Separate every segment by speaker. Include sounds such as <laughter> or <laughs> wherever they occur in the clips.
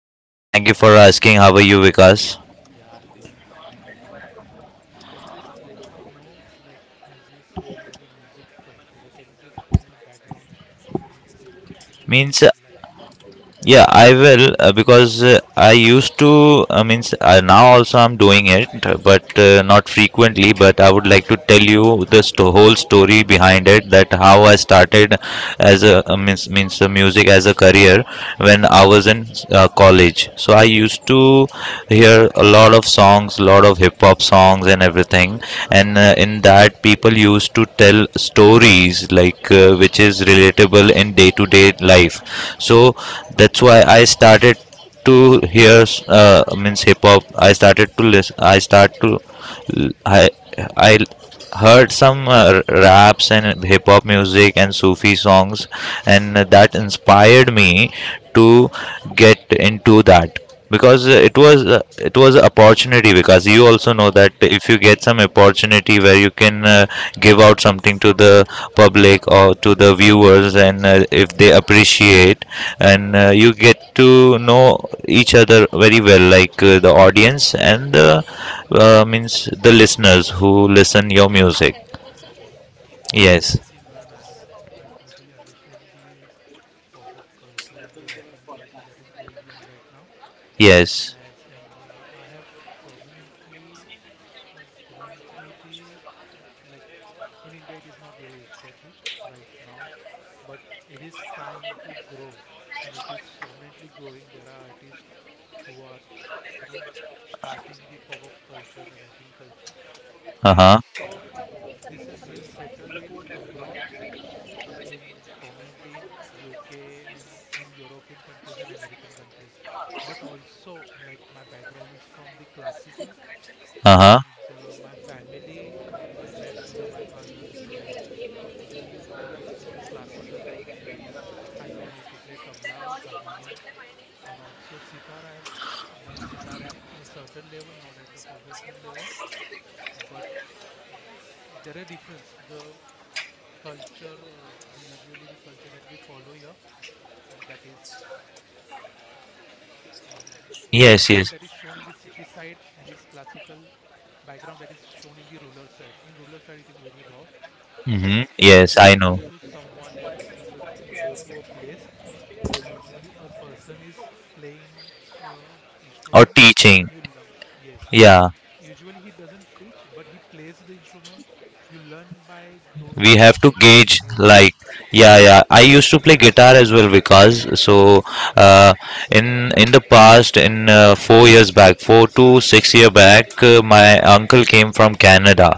Speaker 1: I'm fine. Thank you for asking. How are you, Vikas?
Speaker 2: Yeah, I'm doing fine, Imran. Can you just let me know, like, as you said, you are a music composer. Can you just give me a background of your music uh,
Speaker 1: Means,
Speaker 2: life?
Speaker 1: yeah, I will, because I used to. Means Now also I'm doing it, but not frequently. But I would like to tell you the whole story behind it, that how I started as a means means music as a career when
Speaker 2: Hmm.
Speaker 1: I was in college. So I used to hear a lot of songs, lot of hip hop songs and everything. And in that, people used to tell stories like, which is relatable in day to day life. So that's why
Speaker 2: Yes.
Speaker 1: I started to hear, means hip hop. I started to listen I start to I I heard some raps and hip hop music and Sufi songs, and that inspired me to get into that, because it was an opportunity, because you also know that
Speaker 2: Okay.
Speaker 1: if you get some opportunity where you can give out something to the public or to the viewers, and if
Speaker 2: Yes.
Speaker 1: they appreciate and you get to know each other very well, like the audience and the listeners who listen your music.
Speaker 2: Okay. Yes.
Speaker 1: Yes,
Speaker 2: Yes, Imran. I totally understand the pop-up culture and the rapping culture that is going on right now.
Speaker 1: yes.
Speaker 2: As and yeah, I have prominently gone through the like in India, it is not well established right now, but it is trying to grow and it is prominently growing. There are artists who are, you know, starting the pop up culture and rapping culture, and
Speaker 1: Uh-huh,
Speaker 2: also this is well settled in abroad, in prominently in UK and in European countries and American countries. But also, like my background is from the classical,
Speaker 1: uh-huh.
Speaker 2: and my family, my grandfather, my father, and I we are into classical like we I know how to play tabla harmonium and also sitar. I have learned sitar at a certain level, not at the professional level, but there are difference the culture the usually the culture that we follow here that is uh, the classical that is shown in the
Speaker 1: Yes, yes.
Speaker 2: city side and this classical background that is shown in the rural side. In rural side it is very raw. uh,
Speaker 1: Mm-hmm.
Speaker 2: you
Speaker 1: Yes, I
Speaker 2: don't go
Speaker 1: know.
Speaker 2: to someone else, you just go to a place where usually a person is playing a
Speaker 1: Or
Speaker 2: instrument and
Speaker 1: teaching?
Speaker 2: you learn. Yes,
Speaker 1: Yeah,
Speaker 2: usually he doesn't teach, but he plays the instrument, you learn by doing
Speaker 1: we
Speaker 2: the
Speaker 1: have to
Speaker 2: same thing that
Speaker 1: gauge,
Speaker 2: he does.
Speaker 1: like. Yeah, yeah. I used to play guitar as well, because so,
Speaker 2: Nice.
Speaker 1: uh, in the past, in, 4 years back, 4 to 6 year back, my uncle came from Canada.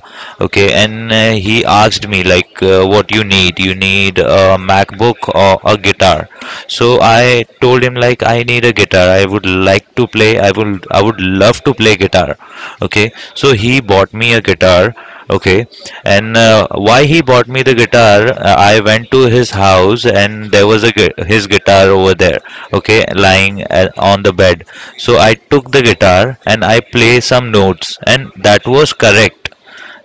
Speaker 1: Okay, and he asked me, like, what you need? You need a MacBook or a guitar? So I told him, like, I need a guitar. I would like to play. I would love to play guitar. Okay, so he bought me a guitar. Okay. And why he bought me the guitar, I went to his house and there was
Speaker 2: Yes.
Speaker 1: a his guitar over there, okay, lying on the bed. So I took the guitar and I play some notes, and that was correct.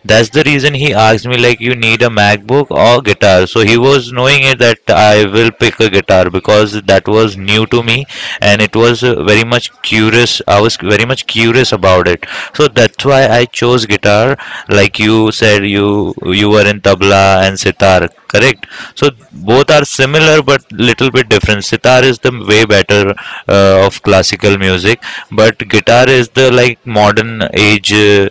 Speaker 1: That's the reason he asked me, like, you need a MacBook or guitar. So he was knowing it that I will pick a guitar, because that was new to me and it was very much curious. I was very much curious about it. So that's
Speaker 2: Okay.
Speaker 1: why I chose guitar. Like you said, you were in tabla and sitar, correct? So
Speaker 2: Yes.
Speaker 1: both
Speaker 2: Yes.
Speaker 1: are similar but little bit different. Sitar is the way better of classical music, but guitar is the, like, modern age Uh,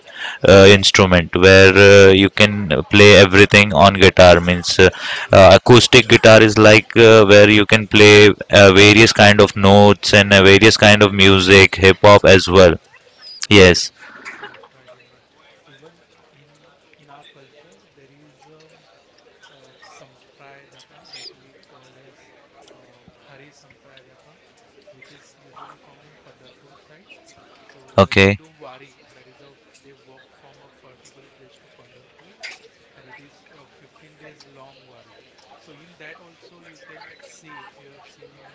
Speaker 1: uh, instrument, where you can play everything on guitar. Means
Speaker 2: Yes,
Speaker 1: acoustic guitar is like where you can play various kind of notes and various kind of music, hip
Speaker 2: I
Speaker 1: hop as well.
Speaker 2: understand. Yes.
Speaker 1: Yes,
Speaker 2: Yes. Yes. Right. Right, Imran, even in in our culture there is sampradaka that we called as Hari Sampradaka, which is usually found in Pandarpur side. So where they
Speaker 1: okay.
Speaker 2: do wari, that is a they walk from a particular place to Pandarpur, and it is a 15 days long wari. So in that also you can see, if you have seen in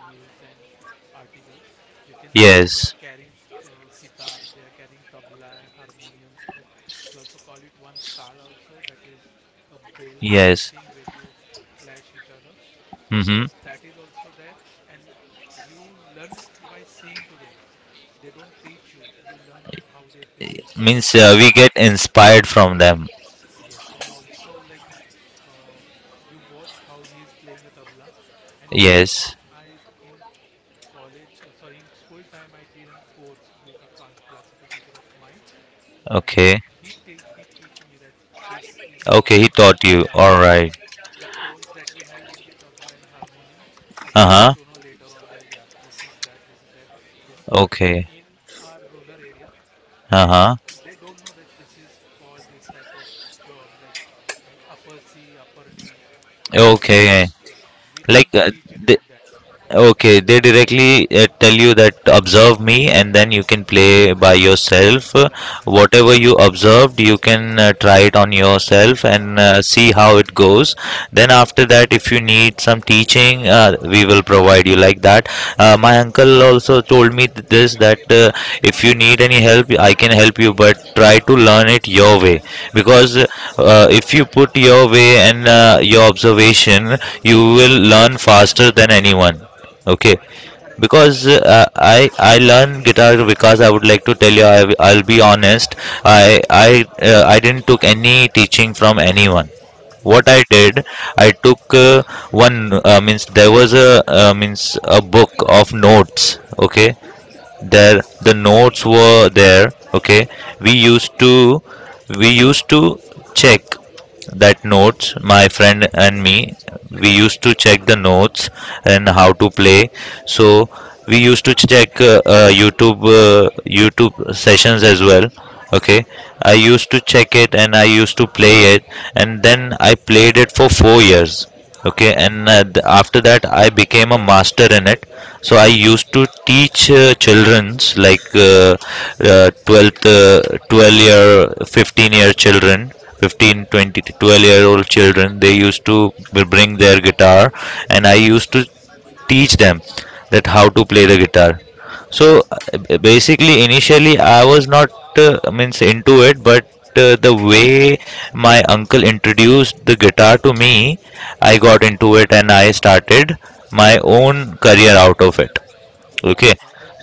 Speaker 2: news and articles, you can see that they are
Speaker 1: Yes,
Speaker 2: carrying sitar, they are carrying tabla, harmoniums. That we also call it one tal also, that is a bell kind of
Speaker 1: yes.
Speaker 2: thing where you clash each other.
Speaker 1: Mm-hmm.
Speaker 2: That is also there, and you learn by seeing to them. They don't teach you. You learn how they play, so you
Speaker 1: Means
Speaker 2: also
Speaker 1: we
Speaker 2: play.
Speaker 1: get inspired from them.
Speaker 2: Yes, and also like uh, you watch how he is playing a tabla, and later on,
Speaker 1: Yes.
Speaker 2: I in college, or sorry, in school time, I did a course with a classical teacher of mine and
Speaker 1: Okay,
Speaker 2: he he teach me that this is called
Speaker 1: okay. He
Speaker 2: a
Speaker 1: taught you.
Speaker 2: tabla.
Speaker 1: All
Speaker 2: Yeah,
Speaker 1: right.
Speaker 2: the tones that we have in the tabla and harmonium, I came
Speaker 1: Uh-huh.
Speaker 2: to know later on that yeah, this is that, this is that, this. But
Speaker 1: Okay.
Speaker 2: in our rural area, they
Speaker 1: Uh-huh.
Speaker 2: they don't know that this is called this type of term like upper C, upper D, like that.
Speaker 1: Okay,
Speaker 2: Yeah, we
Speaker 1: like,
Speaker 2: don't teach it
Speaker 1: th-
Speaker 2: like that.
Speaker 1: okay, they directly tell you that, observe me, and then you can play by
Speaker 2: Yes.
Speaker 1: yourself.
Speaker 2: Right, right.
Speaker 1: Whatever you observed, you can try it on yourself and
Speaker 2: Huh.
Speaker 1: see how it goes. Then,
Speaker 2: Yes,
Speaker 1: after that, if you need some teaching, we will provide you like that. My uncle also told me this, that if you need any help, I can help you, but try to learn it your way, because
Speaker 2: yes.
Speaker 1: if you put your way and your observation, you will learn faster than anyone. Okay,
Speaker 2: Right, right,
Speaker 1: because I learned guitar, because I would like to tell you, I'll be honest, I didn't took any teaching from anyone. What
Speaker 2: right.
Speaker 1: I did, I took, one, means there was a, means a book of notes. Okay,
Speaker 2: Okay.
Speaker 1: there the notes were there. Okay, we used to we used to check that notes. My friend and me, we
Speaker 2: Okay,
Speaker 1: used to check the notes and how to play. So we used to check YouTube sessions as well. Okay,
Speaker 2: okay,
Speaker 1: I used to check it and I used to play it, and then I played it for 4 years. Okay,
Speaker 2: okay.
Speaker 1: and after that I became a master in it. So I
Speaker 2: Wow.
Speaker 1: used to teach children's, like, 12th, 12 year, 15-year children, 15
Speaker 2: Okay,
Speaker 1: 20 to 12 year old children. They used to bring their guitar and I used to teach them that how to play the guitar. So basically, initially I was not, means into it, but the way my uncle introduced the guitar to me, I got into it and I started my own career out of it.
Speaker 2: okay.
Speaker 1: Okay.
Speaker 2: That is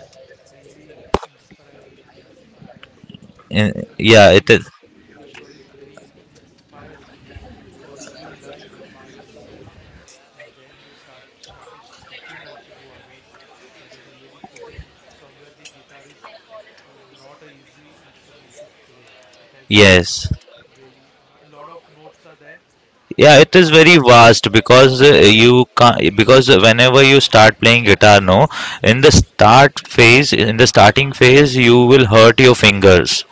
Speaker 2: really inspiring. Inspiring. I mean, I mean to
Speaker 1: Yeah,
Speaker 2: say it
Speaker 1: it
Speaker 2: is.
Speaker 1: is.
Speaker 2: Your story is very inspires me because you learn by yourself, and then you started teaching also to others. That is really good. And somewhere the guitar is uh, not a easy instrument to play. It has very,
Speaker 1: Yes,
Speaker 2: very a lot of notes are there,
Speaker 1: yeah,
Speaker 2: and the
Speaker 1: it is
Speaker 2: one
Speaker 1: very vast, because
Speaker 2: yes,
Speaker 1: you can, because whenever you start playing guitar, no, in the starting phase, you will hurt your fingers.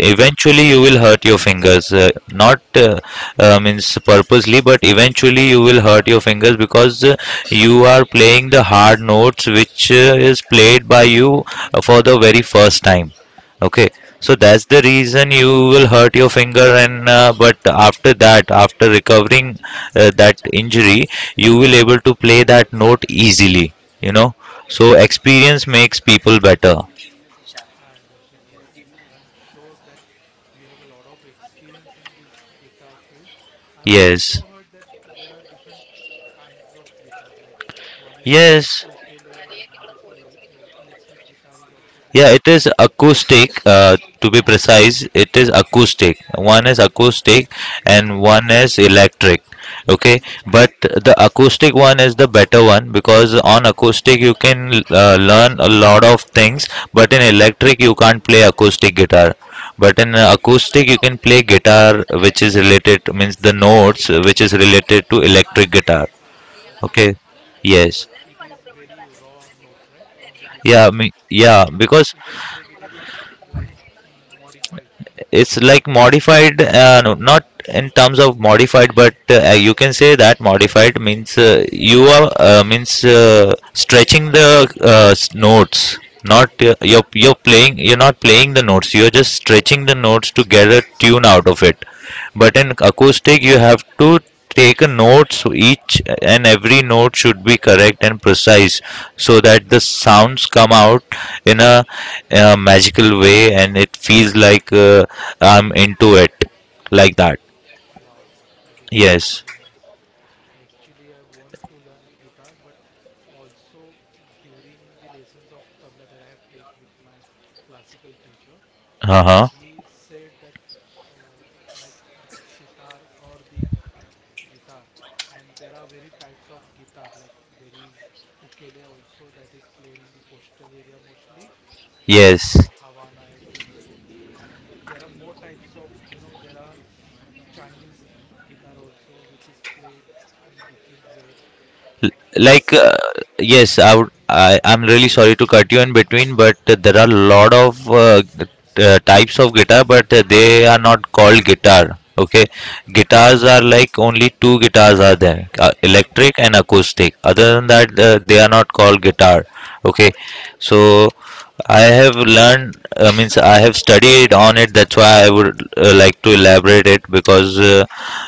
Speaker 2: right,
Speaker 1: Eventually you will hurt your fingers, not means purposely, but eventually you will hurt your fingers, because you are playing the hard notes which is
Speaker 2: yes.
Speaker 1: played by you for the very first time. Okay, so that's
Speaker 2: Yes,
Speaker 1: the reason you will hurt your finger, and but after that, after recovering that injury, you will able to play that note easily. You know, so
Speaker 2: yes,
Speaker 1: experience makes people better.
Speaker 2: I understand. Yes, and I'm sure that you have a lot of experience in this guitar field. I've
Speaker 1: Yes,
Speaker 2: also heard that there are different kinds of guitar, like one is called
Speaker 1: yes.
Speaker 2: ukulele and one is called el electric guitar is also there.
Speaker 1: Yeah, it is acoustic. To be precise, it is
Speaker 2: Okay,
Speaker 1: acoustic. One is acoustic
Speaker 2: okay,
Speaker 1: and one is electric. Okay,
Speaker 2: okay,
Speaker 1: but the acoustic one is the better one, because on acoustic you can learn a lot of things, but in electric you can't play acoustic guitar. But in acoustic you can play guitar which is related, means the notes which is related to electric guitar.
Speaker 2: okay.
Speaker 1: Okay,
Speaker 2: Like
Speaker 1: yes,
Speaker 2: it is very raw notes, right, on the guitar,
Speaker 1: yeah, me, yeah,
Speaker 2: and in
Speaker 1: because
Speaker 2: electric it is like modified.
Speaker 1: it's like modified, no, not in terms of modified, but you can say that modified means you are, means stretching the, notes, not,
Speaker 2: Yes,
Speaker 1: you're not playing the notes, you're just stretching the notes to get a tune out of it. But in
Speaker 2: okay.
Speaker 1: acoustic you have to take notes. Each and every note should be correct and precise, so that the sounds come out in a magical way and it feels like, I'm into it like that.
Speaker 2: Wow, that is
Speaker 1: Yes,
Speaker 2: really nice. Actually, I want to learn guitar, but also during the lessons of tabla that I have take with my classical teacher,
Speaker 1: uh-huh.
Speaker 2: he said that uh, like sitar or the guitar, and there are very types of guitar. Like there is ukulele also that is played in the coastal area mostly in
Speaker 1: Yes,
Speaker 2: Havana, I think so. And there are more types of you know there are Chinese guitar also which is played in different way he
Speaker 1: like,
Speaker 2: said,
Speaker 1: yes, I'm really
Speaker 2: yes,
Speaker 1: sorry to cut you in between, but there are a lot of types of guitar, but they are not called guitar. Okay, guitars
Speaker 2: yes,
Speaker 1: are like, only two guitars are there,
Speaker 2: okay,
Speaker 1: electric and acoustic. Other than that, they are not called guitar. Okay, so I have learned, means I have studied on it. That's why I would like to elaborate it, because
Speaker 2: okay,
Speaker 1: uh,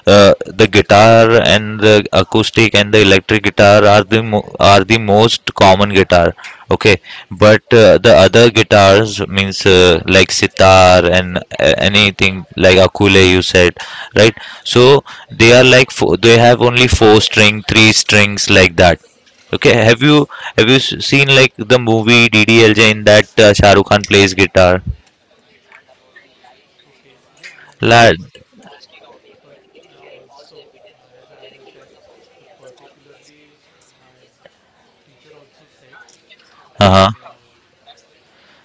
Speaker 1: uh, the guitar and the acoustic and the electric guitar are the most common guitar. Okay,
Speaker 2: yes, yes,
Speaker 1: but the other guitars, means like sitar and anything like akule you said, right? So they are like they have only four string, three strings like that. Okay,
Speaker 2: okay,
Speaker 1: have you seen, like, the movie DDLJ? In that Shah Rukh Khan plays guitar.
Speaker 2: okay. Yeah, I understand,
Speaker 1: Lad,
Speaker 2: but but also, as I understand, the particularly my teacher also said that
Speaker 1: uh-huh.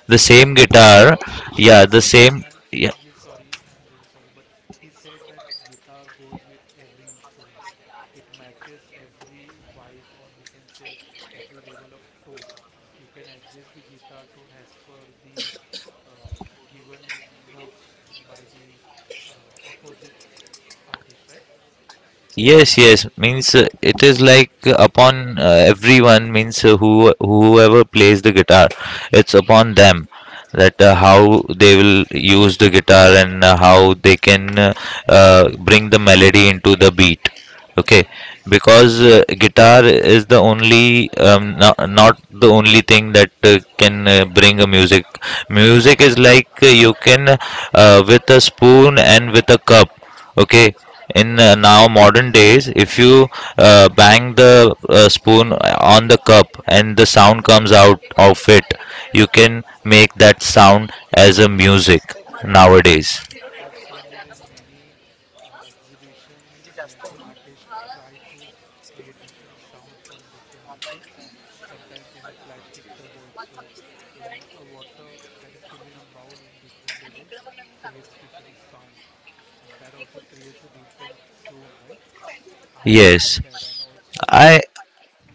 Speaker 1: The
Speaker 2: I'm
Speaker 1: same
Speaker 2: sorry.
Speaker 1: guitar, yeah,
Speaker 2: He
Speaker 1: the
Speaker 2: said,
Speaker 1: same.
Speaker 2: "I'm
Speaker 1: Yeah,
Speaker 2: I'm really sorry. I'm really sorry." But he said that guitar goes with every instrument. It matches every vibe, or we can say every level of tone. You can adjust the guitar tone as per the given notes by the opposite artist, right?
Speaker 1: yes, yes. Means it is like upon everyone. Means whoever plays the guitar, it's upon them that how they will use the guitar and how they can bring the melody into the beat. Okay,
Speaker 2: Okay, okay.
Speaker 1: because guitar is the only, not, not the only thing that can bring a music. Music is like, you can, with a spoon and with a cup. Okay, in
Speaker 2: Yes.
Speaker 1: now modern days, if you bang the spoon on the cup and the sound comes out of it, you can make that sound as a music
Speaker 2: Yes, yes, I have
Speaker 1: nowadays.
Speaker 2: I have seen this in many exhibitions where the artists try to create different sounds from different objects. Sometimes in the plastic tub also, in a water that is filled in a bowl in different levels creates different sound, and that also creates a different tone, right? I have seen
Speaker 1: Yes.
Speaker 2: that, and also
Speaker 1: I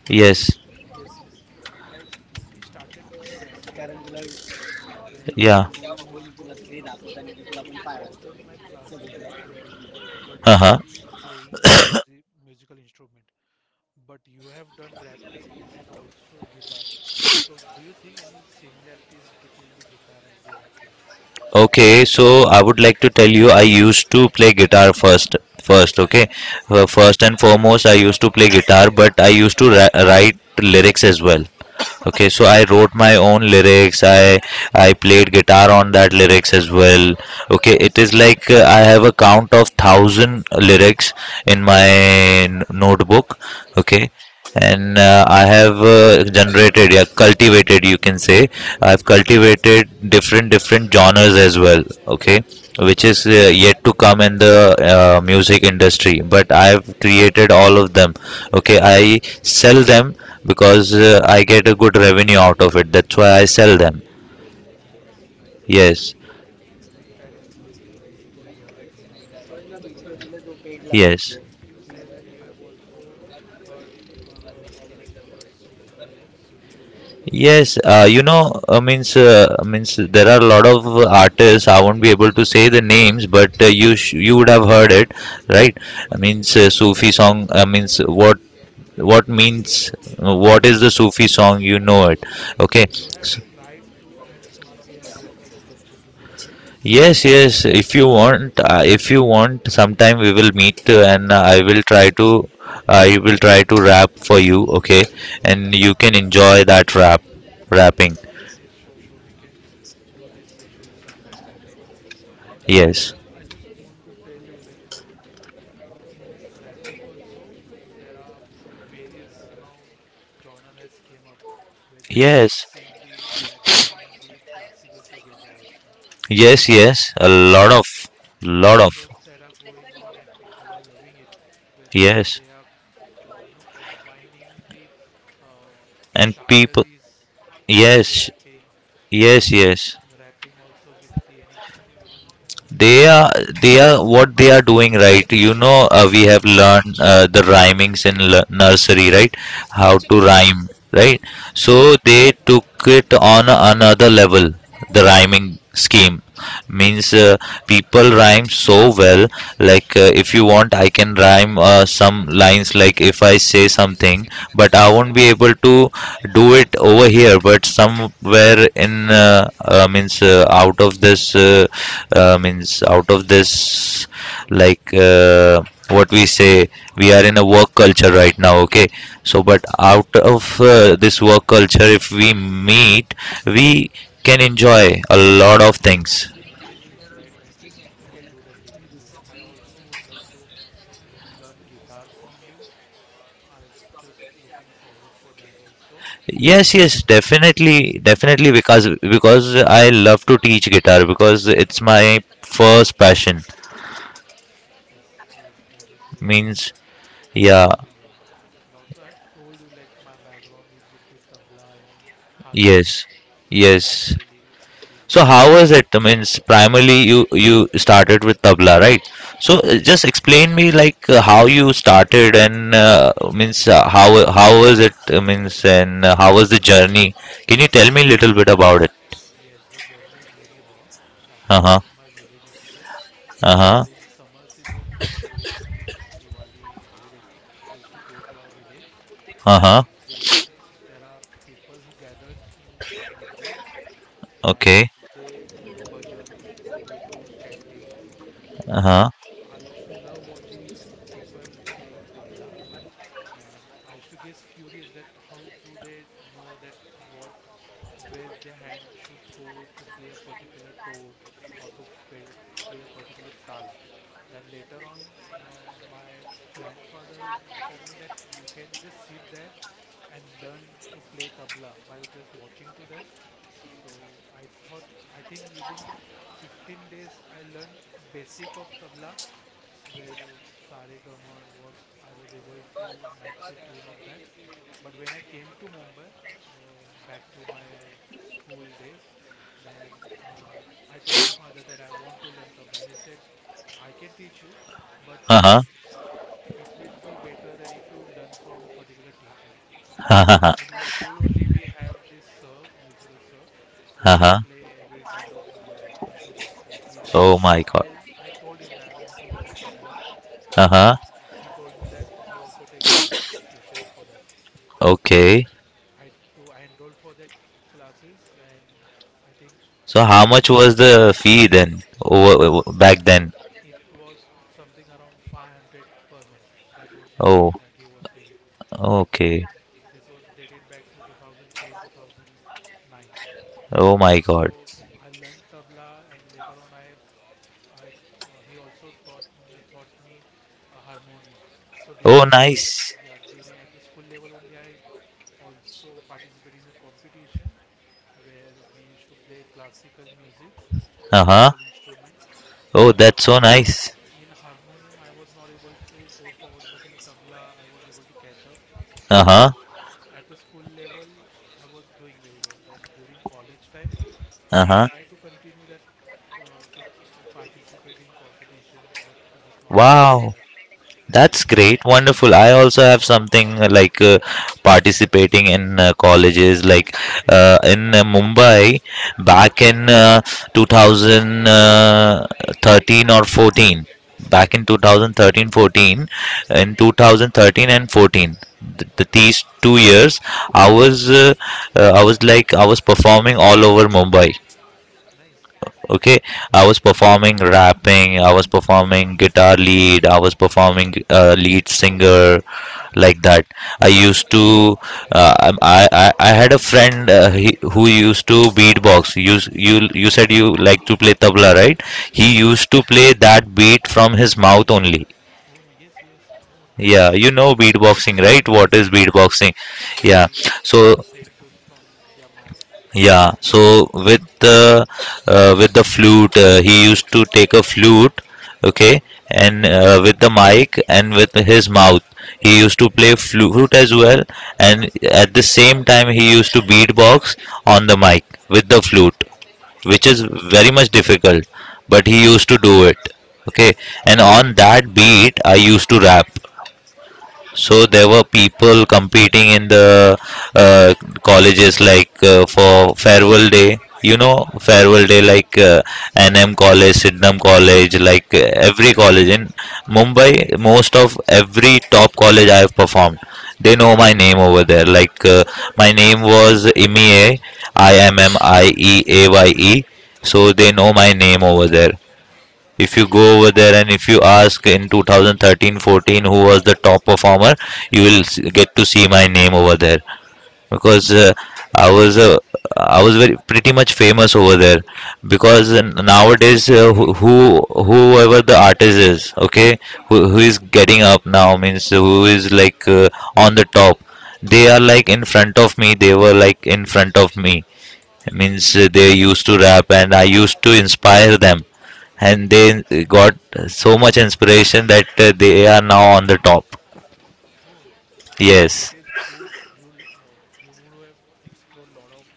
Speaker 1: Yes,
Speaker 2: yes, yes, as we started with a rapping, I guess, where
Speaker 1: yeah,
Speaker 2: you know I just want to know like I've done my classical training but
Speaker 1: uh-huh.
Speaker 2: only in playing the music musical instrument but you have done rapping and also guitar, so do you think any similarities between the guitar and the rapping.
Speaker 1: Okay, so I would like to tell you, I used to play guitar first. Okay,
Speaker 2: Okay,
Speaker 1: first and foremost, I used to play guitar, but I used to write lyrics as well. Okay, so I
Speaker 2: okay,
Speaker 1: wrote my own lyrics. I played guitar on that lyrics as well. Okay, it is like, I have a count of thousand lyrics in my notebook. Okay,
Speaker 2: okay,
Speaker 1: and I have generated, yeah, cultivated, you can say, I've cultivated different different genres as well. Okay, which is yet to come in the music industry, but I've
Speaker 2: okay.
Speaker 1: created all of them. Okay, I sell them, because I get a good revenue out of it. That's why I sell them.
Speaker 2: Oh nice, nice.
Speaker 1: Yes,
Speaker 2: So that is very good to hear, Imran. That is very good to hear. And also, you
Speaker 1: yes.
Speaker 2: you said that you have also heard musics like Sufi, Sufi also.
Speaker 1: Yes,
Speaker 2: So
Speaker 1: you know, means means there are a lot of artists. I won't be able to say the names, but you would have heard it, right? I means Sufi song. I means what
Speaker 2: yes,
Speaker 1: means, what
Speaker 2: yes,
Speaker 1: is the
Speaker 2: yes.
Speaker 1: Sufi song? You know it,
Speaker 2: So
Speaker 1: okay?
Speaker 2: you have tried to add Sufi and rapping culture together, right?
Speaker 1: Yes, yes. If you want, sometime we will meet, and
Speaker 2: Ah,
Speaker 1: I will
Speaker 2: okay,
Speaker 1: try to, I will try to rap for you, okay?
Speaker 2: okay.
Speaker 1: And you can enjoy that rap, rapping.
Speaker 2: Yes, yes, sure, sure. We can do this session sometime later also. And
Speaker 1: Yes,
Speaker 2: also, I just want to tell you, like, in rapping also there are various now genre has came up where they are
Speaker 1: yes.
Speaker 2: mixing the rapping and the classical together. Also
Speaker 1: Yes,
Speaker 2: there are
Speaker 1: yes, a
Speaker 2: lot of
Speaker 1: lot of,
Speaker 2: live
Speaker 1: lot of,
Speaker 2: shows that are going on and people are loving it where
Speaker 1: yes,
Speaker 2: they are you know combining the uh,
Speaker 1: and people,
Speaker 2: shairis with the
Speaker 1: yes,
Speaker 2: rapping and
Speaker 1: yes, yes.
Speaker 2: rapping also with the any you know different
Speaker 1: They are,
Speaker 2: culture.
Speaker 1: they are what they are doing, right? We have learned the rhymings in nursery, right? How to
Speaker 2: Yes,
Speaker 1: rhyme, right?
Speaker 2: yes, yes.
Speaker 1: So they took it on another level. The rhyming
Speaker 2: Yes.
Speaker 1: scheme means, people rhyme so well. Like, if you want, I can rhyme some lines. Like if I say something, but I won't be able to do it over here. But somewhere in, means, out of this, means out of this,
Speaker 2: Okay.
Speaker 1: like, what we say, we are in a work culture right now. Okay, so but out of this work culture, if we meet, we can enjoy a lot of
Speaker 2: Understood.
Speaker 1: things.
Speaker 2: Yes, yes, right, right. We can do that. We can do that. I also would love to uh, learn guitar from you. I'm just looking forward for that also. And
Speaker 1: Yes, yes,
Speaker 2: also,
Speaker 1: definitely.
Speaker 2: yes,
Speaker 1: Because I love to teach guitar, because it's my first passion,
Speaker 2: yes, yes, that is really
Speaker 1: means,
Speaker 2: nice, nice
Speaker 1: yeah.
Speaker 2: to hear. And also, I've told you like my background is with the tabla and harmonium
Speaker 1: Yes, yes.
Speaker 2: primarily. We
Speaker 1: So
Speaker 2: do
Speaker 1: how was
Speaker 2: that.
Speaker 1: it, means, primarily you started with tabla, right? So
Speaker 2: Yes.
Speaker 1: just explain me, like how you started and means, how was it, means, and how was the journey? Can you tell
Speaker 2: Okay.
Speaker 1: me a little bit about it?
Speaker 2: Yes, the journey is very raw, starting
Speaker 1: Uh-huh.
Speaker 2: from my village itself. So
Speaker 1: Uh-huh.
Speaker 2: during summer season or during the Diwali holidays, we used to go to our village. So
Speaker 1: Uh-huh.
Speaker 2: wherein there are people who gathered in one mandir
Speaker 1: Okay.
Speaker 2: and they do bhajans, they do chantings. So
Speaker 1: Uh-huh.
Speaker 2: I used to love watching people playing tabla and I used to get curious that how do they know that what where their hand should go to play a particular tone or to play, play a particular tal. Then later on, my grandfather informed me that you can just sit there and learn to play tabla by just watching to them. So I thought I think within 15 days I learned a basic of tabla where Sa Re Ga Ma was I was able to match the tune of that. But when I came to Mumbai, back to my school days, then I told my father that I want to learn tabla. He said, "I can teach you, but
Speaker 1: Uh-huh.
Speaker 2: it will be better that if you learn from a particular teacher."
Speaker 1: <laughs>
Speaker 2: So
Speaker 1: Uh-huh.
Speaker 2: in my school only we have this sir, musical sir, who is to
Speaker 1: Uh-huh.
Speaker 2: play every kind of instrument. So we learn.
Speaker 1: Oh my
Speaker 2: I
Speaker 1: God.
Speaker 2: I told him that I want to learn tabla. So
Speaker 1: Uh-huh.
Speaker 2: he told me that he also take private tuitions for that. So
Speaker 1: Okay.
Speaker 2: I enrolled for that classes and I think
Speaker 1: So how
Speaker 2: till
Speaker 1: much was the fee then, over, back then?
Speaker 2: it was something around 500 per month. That was the fee
Speaker 1: Oh,
Speaker 2: that he was taking. And
Speaker 1: okay.
Speaker 2: this was dated back to 2010, 2009.
Speaker 1: Oh my
Speaker 2: Also,
Speaker 1: God.
Speaker 2: I learned tabla, and later on I he also taught me, harmonium. So
Speaker 1: Oh,
Speaker 2: during school,
Speaker 1: nice.
Speaker 2: yeah, during at the school level only, I also participated in a competition where we used to play classical musics,
Speaker 1: Uh huh.
Speaker 2: classical instrument.
Speaker 1: Oh,
Speaker 2: So
Speaker 1: that's so nice.
Speaker 2: in harmonium I was not able to go forward, but in tabla I was able to catch up.
Speaker 1: Uh
Speaker 2: So
Speaker 1: huh.
Speaker 2: at the school level I was doing very well. Then during college time I
Speaker 1: Uh huh.
Speaker 2: tried to continue that, to participate in competitions, but was not able to do
Speaker 1: Wow.
Speaker 2: that.
Speaker 1: That's great,
Speaker 2: But
Speaker 1: wonderful. I
Speaker 2: yes.
Speaker 1: also have something, like, participating in colleges, like
Speaker 2: Okay,
Speaker 1: in Mumbai, back in 2013 or 14. Back
Speaker 2: okay,
Speaker 1: in 2013 14, in 2013 and 14,
Speaker 2: okay.
Speaker 1: these 2 years, I was, I was performing all over Mumbai.
Speaker 2: Nice.
Speaker 1: Okay, I was performing rapping, I was performing guitar lead, I was performing lead singer,
Speaker 2: Okay.
Speaker 1: like that. I used to I had a friend, he, who used to beatbox. You said you like to play tabla, right? He
Speaker 2: Yes,
Speaker 1: used
Speaker 2: yes.
Speaker 1: to play that beat from his mouth only,
Speaker 2: Oh yes, yes. Oh, nice.
Speaker 1: yeah. You know beatboxing, right? What
Speaker 2: Yes,
Speaker 1: is
Speaker 2: yes, I know.
Speaker 1: beatboxing?
Speaker 2: They
Speaker 1: Yeah.
Speaker 2: create
Speaker 1: So
Speaker 2: the same tune from their mouth.
Speaker 1: yeah, so with the flute, he used to take a flute, okay,
Speaker 2: Okay,
Speaker 1: and with the mic and with his mouth, he used to play flute as well, and at the same time he used to beatbox on the mic with the flute,
Speaker 2: okay.
Speaker 1: which is
Speaker 2: Nice.
Speaker 1: very much difficult, but he used to do it, okay. And on that beat, I used to rap. So there
Speaker 2: Wow.
Speaker 1: were people competing in the uh, colleges, like for farewell day. You know,
Speaker 2: Okay.
Speaker 1: farewell day, like
Speaker 2: Yes.
Speaker 1: NM College, Sydenham College, like
Speaker 2: Oh
Speaker 1: every college in Mumbai. Most of every top college I have performed, they know my
Speaker 2: wow.
Speaker 1: name over there. Like, my name was Imie, Immieaye. So they
Speaker 2: Okay.
Speaker 1: know my name over there. If you go over there and if
Speaker 2: Nice.
Speaker 1: you ask in 2013 14 who was the top performer, you will
Speaker 2: Okay.
Speaker 1: get to see my name over there, because I was, very pretty much famous over there, because
Speaker 2: Yes.
Speaker 1: nowadays, whoever the artist is, okay, who is getting up now, means who is, like, on the top, they are like in front of me, they were like in front of me,
Speaker 2: Okay.
Speaker 1: means, they used to rap and I used to inspire them, and they got so much inspiration that they are now on the top.
Speaker 2: Oh, so
Speaker 1: Yes.
Speaker 2: it is good. You would have explored a lot of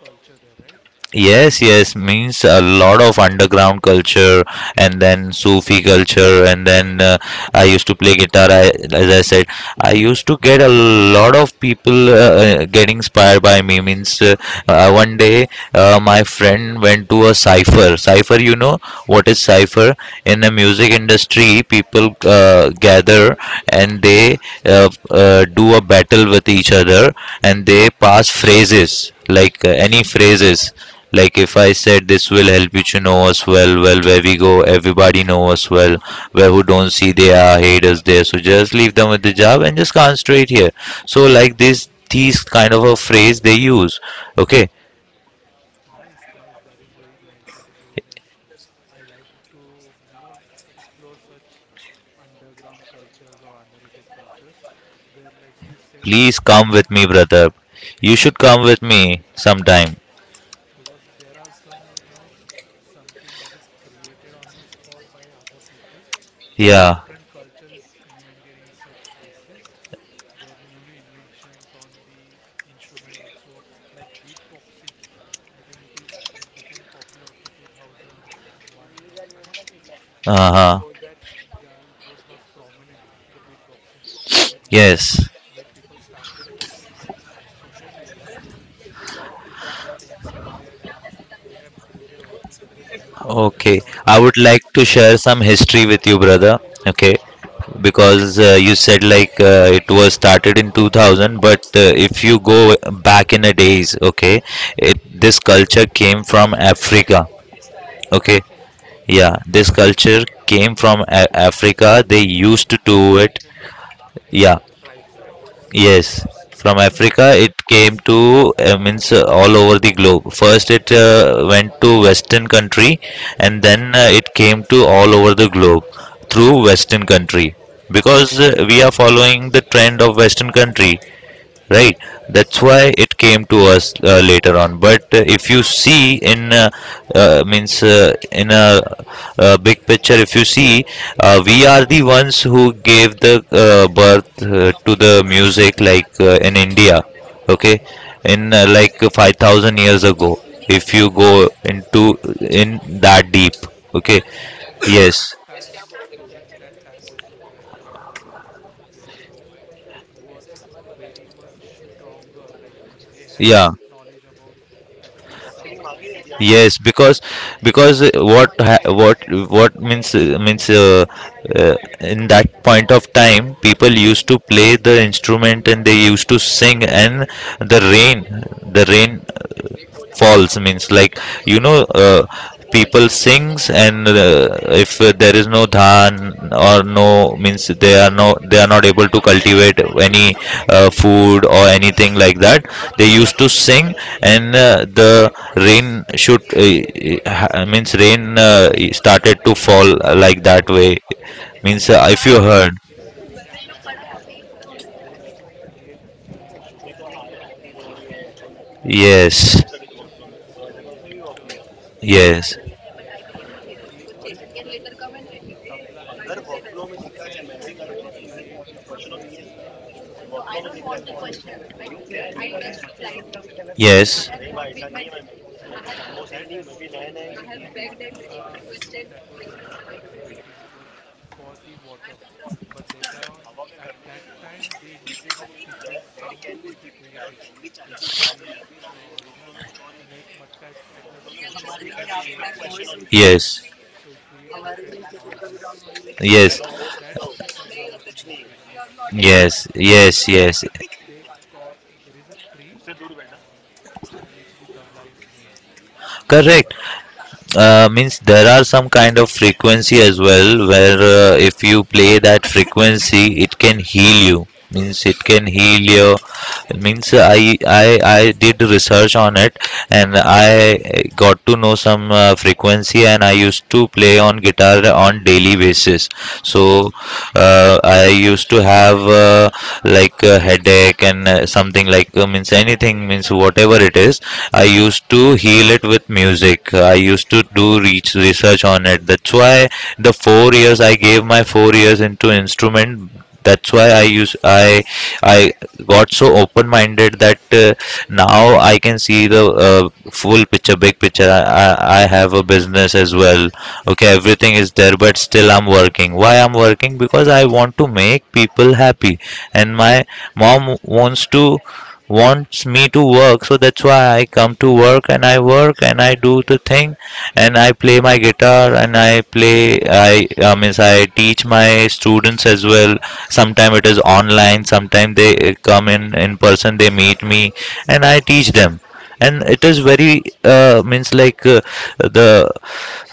Speaker 2: culture there, right?
Speaker 1: Yes, yes,
Speaker 2: While.
Speaker 1: means, a lot of underground culture and then Sufi culture, and then I used to play guitar. I, as I said, I
Speaker 2: Mm.
Speaker 1: used to get a lot of people get inspired by me. Means, one day my friend went to a cipher. Cipher, you know what is cipher? In the music
Speaker 2: Mm.
Speaker 1: industry, people gather and they do a battle with each other, and they
Speaker 2: Okay.
Speaker 1: pass phrases, like, any phrases, like if I said, "This will help you to know us well, well where we go everybody know us well, where who don't see, they are haters there, so just leave them with the job and just concentrate here." So like this, these kind of a phrase they
Speaker 2: Wow.
Speaker 1: use. Okay,
Speaker 2: Nice, nice. That is very nice. That is very nice. I like to explore such underground cultures or underrated cultures, where, like you said,
Speaker 1: please
Speaker 2: also the
Speaker 1: come with me, brother,
Speaker 2: beatboxing.
Speaker 1: you should come with
Speaker 2: Yes,
Speaker 1: me sometime.
Speaker 2: because there are some something that is created on the spot by other people. A
Speaker 1: Yeah.
Speaker 2: different culture is invented in such places, where new inventions on the instrument also, like beatboxing. I think it became popular after 2001 or 5.
Speaker 1: Uh-huh.
Speaker 2: Before that, the it was not prominent, the beatboxing, but later
Speaker 1: Yes.
Speaker 2: on when people started posting on social media, a lot of people got inspired, and they have created altogether a new
Speaker 1: Okay,
Speaker 2: genre
Speaker 1: I
Speaker 2: for
Speaker 1: would like to
Speaker 2: themselves, right?
Speaker 1: share some history with you, brother. Okay,
Speaker 2: Yes.
Speaker 1: because you said like it was started in 2000, but if you go back in the days, okay,
Speaker 2: Hmm.
Speaker 1: it this culture came from Africa. Okay,
Speaker 2: Okay. Okay.
Speaker 1: yeah, this culture came from Africa. They
Speaker 2: From
Speaker 1: used to do it.
Speaker 2: African
Speaker 1: Yeah.
Speaker 2: tribes, right?
Speaker 1: Yes, from Africa
Speaker 2: Okay,
Speaker 1: it came to, means, all over the globe. First it went to Western country, and then
Speaker 2: okay.
Speaker 1: it came to all over the globe through Western country,
Speaker 2: Wow.
Speaker 1: because we are following the trend of Western country, right? That's
Speaker 2: Okay.
Speaker 1: why it came to us later on. But if you see in, means, in a, big picture, if you see,
Speaker 2: Hmm.
Speaker 1: we are the ones who gave the birth to the music, like in India, okay,
Speaker 2: Okay.
Speaker 1: in,
Speaker 2: Yes.
Speaker 1: like 5,000 years ago, if you
Speaker 2: Wow.
Speaker 1: go into in that deep, okay.
Speaker 2: Yes. And at that
Speaker 1: Yes.
Speaker 2: time, during that time also, like 5,000 years ago, it was very much stronger. Like they had
Speaker 1: Yeah.
Speaker 2: deep knowledge about every sound, every tal,
Speaker 1: Yes. because
Speaker 2: and
Speaker 1: because uh, what ha- what means, means, in that point of time, people
Speaker 2: hmm.
Speaker 1: used to play the instrument and they used to sing, and the rain the
Speaker 2: Hmm.
Speaker 1: rain falls, means, like you know,
Speaker 2: Wow.
Speaker 1: people sings, and if there is no dhan, or no, means they are no, they are not able to cultivate any food or
Speaker 2: Yes.
Speaker 1: anything like that, they used to sing, and
Speaker 2: Yes.
Speaker 1: the rain should, means rain started to fall, like that
Speaker 2: Right.
Speaker 1: way, means
Speaker 2: And
Speaker 1: if you
Speaker 2: during
Speaker 1: heard.
Speaker 2: during that time also, they used to create the instruments from the nature itself,
Speaker 1: Yes,
Speaker 2: from the jungles, from the nature. They used to,
Speaker 1: yes,
Speaker 2: like, the particular um tabla, there is one section where they play the instrument through pot. We call it matka
Speaker 1: yes,
Speaker 2: pot. Yes, so at that time also, the matka instrument that was invented, it was for the water, but later on at that time they invented that different sounds could be created if we uh, you know make matka at a certain different shapes, different sizes.
Speaker 1: yes,
Speaker 2: So it create different noises, and
Speaker 1: yes,
Speaker 2: from that the tabla was invented, I think.
Speaker 1: yes,
Speaker 2: And
Speaker 1: yes,
Speaker 2: later
Speaker 1: yes, yes.
Speaker 2: on they got, there is a tree uh, from which the tabla is made.
Speaker 1: Correct,
Speaker 2: And
Speaker 1: means there are some kind of frequency as well where, if you play that frequency it can heal you, means it can
Speaker 2: yes,
Speaker 1: heal you.
Speaker 2: yes, yes.
Speaker 1: Means I did research on it, and
Speaker 2: Mm,
Speaker 1: I got to know some frequency, and I used to play on guitar on daily basis.
Speaker 2: right,
Speaker 1: So,
Speaker 2: right.
Speaker 1: I used to have, like a headache and, something, like, means anything, means whatever it is, I
Speaker 2: Mm.
Speaker 1: used to heal it with music. I used to do reach research on
Speaker 2: I
Speaker 1: it. That's why the 4 years, I gave my 4 years into instrument, that's why
Speaker 2: Wow,
Speaker 1: I use, I got so open minded that now I can see the full picture, big picture. I have a business as well,
Speaker 2: yes,
Speaker 1: okay, everything is
Speaker 2: yes,
Speaker 1: there, but still I'm working. Why I'm working? Because I want to make people happy, and my mom wants to wants me to work. So that's why I come to work and I work and I do the
Speaker 2: yes,
Speaker 1: thing and I play my guitar, and I play, I means I teach my students as well. Sometimes it is online, sometimes they come in person, they meet me and I teach them. And it is
Speaker 2: yes,
Speaker 1: very, means, like, the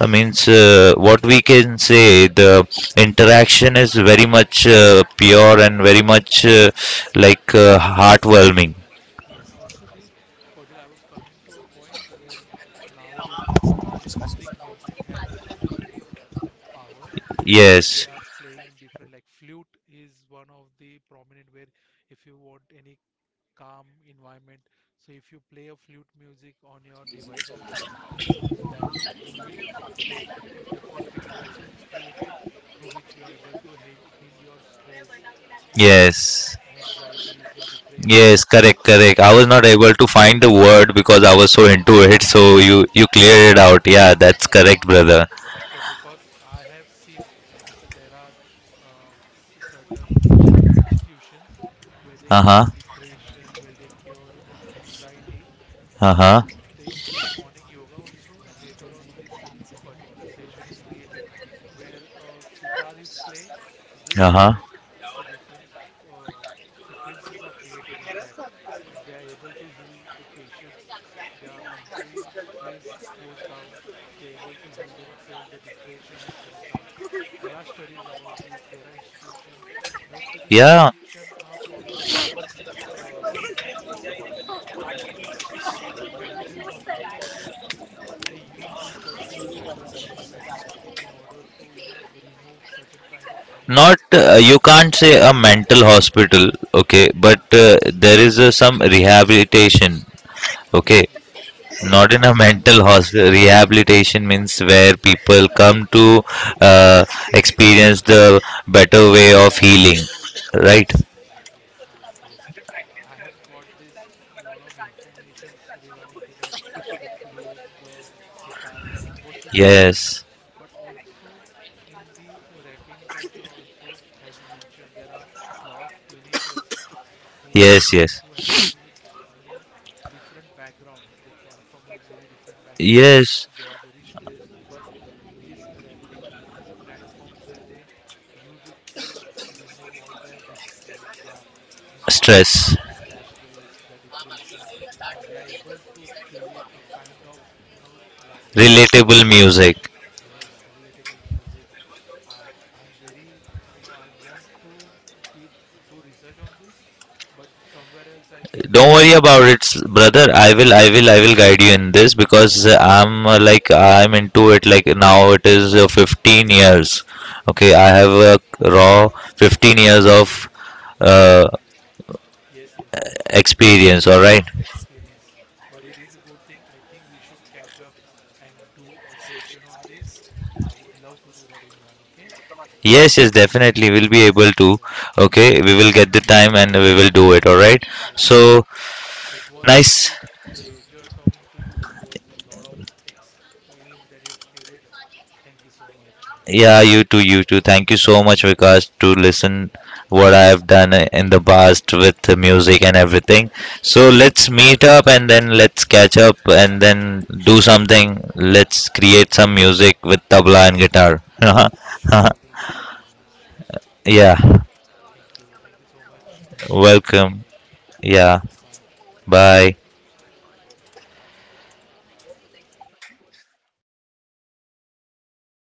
Speaker 1: I means, what we can say, the interaction is very much pure and very much, like, heartwarming.
Speaker 2: yes. Also, the but I was coming to a point where nowadays people are using music as healing power, where they
Speaker 1: Yes,
Speaker 2: are playing different, like flute is one of the prominent, where if you want any calm environment. So if you play a flute music on your device also, then you will get a different frequencies is created, through which you are able to heal, heal your stress, your
Speaker 1: yes,
Speaker 2: anxieties, your depressions
Speaker 1: yes. Correct, correct. I was
Speaker 2: are
Speaker 1: not
Speaker 2: healed.
Speaker 1: able to find the word because I was so into it. So you
Speaker 2: Yes.
Speaker 1: cleared it out. Yeah, that's
Speaker 2: Yes,
Speaker 1: correct,
Speaker 2: yes.
Speaker 1: brother.
Speaker 2: So because I have seen, like there are certain institutions where they
Speaker 1: Uh huh.
Speaker 2: cure depression, where they cure anxiety.
Speaker 1: Uh
Speaker 2: So
Speaker 1: huh.
Speaker 2: they do morning yoga also, and later on this particular session is created where sitar is played with
Speaker 1: Uh huh.
Speaker 2: flute. So different uh, frequencies are created in that, and they are able to heal the patients. Their mental stress goes down, they're able to heal themselves, the depression has gone down. There are studies about this. There are institutions, mostly these
Speaker 1: Yeah.
Speaker 2: institutions are followed by uh, you know the mental hospital that are there. They use this particular kind of treatment in order to remove certain kind of energy
Speaker 1: Not,
Speaker 2: from people.
Speaker 1: you can't say a mental hospital, okay, but there is some rehabilitation,
Speaker 2: Yes,
Speaker 1: okay,
Speaker 2: yes, sorry.
Speaker 1: not
Speaker 2: Yes,
Speaker 1: in a
Speaker 2: yes, I was
Speaker 1: mental
Speaker 2: not
Speaker 1: hospital,
Speaker 2: getting.
Speaker 1: rehabilitation means where
Speaker 2: Yes.
Speaker 1: people come to uh, experience the better way of healing, right?
Speaker 2: Yes, yes, yes. I have got this lot of informations regarding to that, the flute, the sitar. Mostly these are used,
Speaker 1: Yes,
Speaker 2: but also in the rapping culture also, as you mentioned, there are lot of teenagers who
Speaker 1: yes,
Speaker 2: are
Speaker 1: yes,
Speaker 2: who have very you know different background, they come from a very different background,
Speaker 1: yes.
Speaker 2: they are very stressed, but this rapping is a platform where they use it to remove all their their anxieties,
Speaker 1: Stress
Speaker 2: their stress, their depression, and they are able to create a kind of you know language.
Speaker 1: relatable music,
Speaker 2: Yes, relatable music, I'm very, I want to deep do research on this, but somewhere else, I think the
Speaker 1: don't worry about it.
Speaker 2: also
Speaker 1: Brother, I will, I will guide you in this, because I'm,
Speaker 2: right.
Speaker 1: like, I'm into it, like, now it is 15 years, okay, I have a raw 15 years of uh,
Speaker 2: Yes, yes, yes.
Speaker 1: experience.
Speaker 2: You
Speaker 1: All
Speaker 2: have
Speaker 1: right.
Speaker 2: experience, but it is a good thing. I think we should catch up and do a session on this. I would love to do that, Imran. Okay?
Speaker 1: Yes, yes, definitely. We'll be
Speaker 2: Yes,
Speaker 1: able
Speaker 2: yes,
Speaker 1: to.
Speaker 2: sure.
Speaker 1: Okay, we will get the time and we will do it. All right.
Speaker 2: Yes.
Speaker 1: So
Speaker 2: It was
Speaker 1: nice.
Speaker 2: very pleasure talking to you. It was a lot of experience that you have shared. Thank you so much, Imran.
Speaker 1: Yeah, you too, you too. Thank you so much, Vikas, to
Speaker 2: Thank you.
Speaker 1: listen what I have done in the past with the music and everything. So
Speaker 2: Yes,
Speaker 1: let's meet up and then let's catch up and
Speaker 2: sure.
Speaker 1: then do something. Let's create some music with
Speaker 2: Yes,
Speaker 1: tabla and guitar. <laughs>
Speaker 2: sure, sure. We'll do that, Imran. Sure,
Speaker 1: Yeah.
Speaker 2: sure. Thank you. Thank you so much. We'll meet
Speaker 1: Welcome.
Speaker 2: someday.
Speaker 1: Yeah.
Speaker 2: Bye.
Speaker 1: Bye.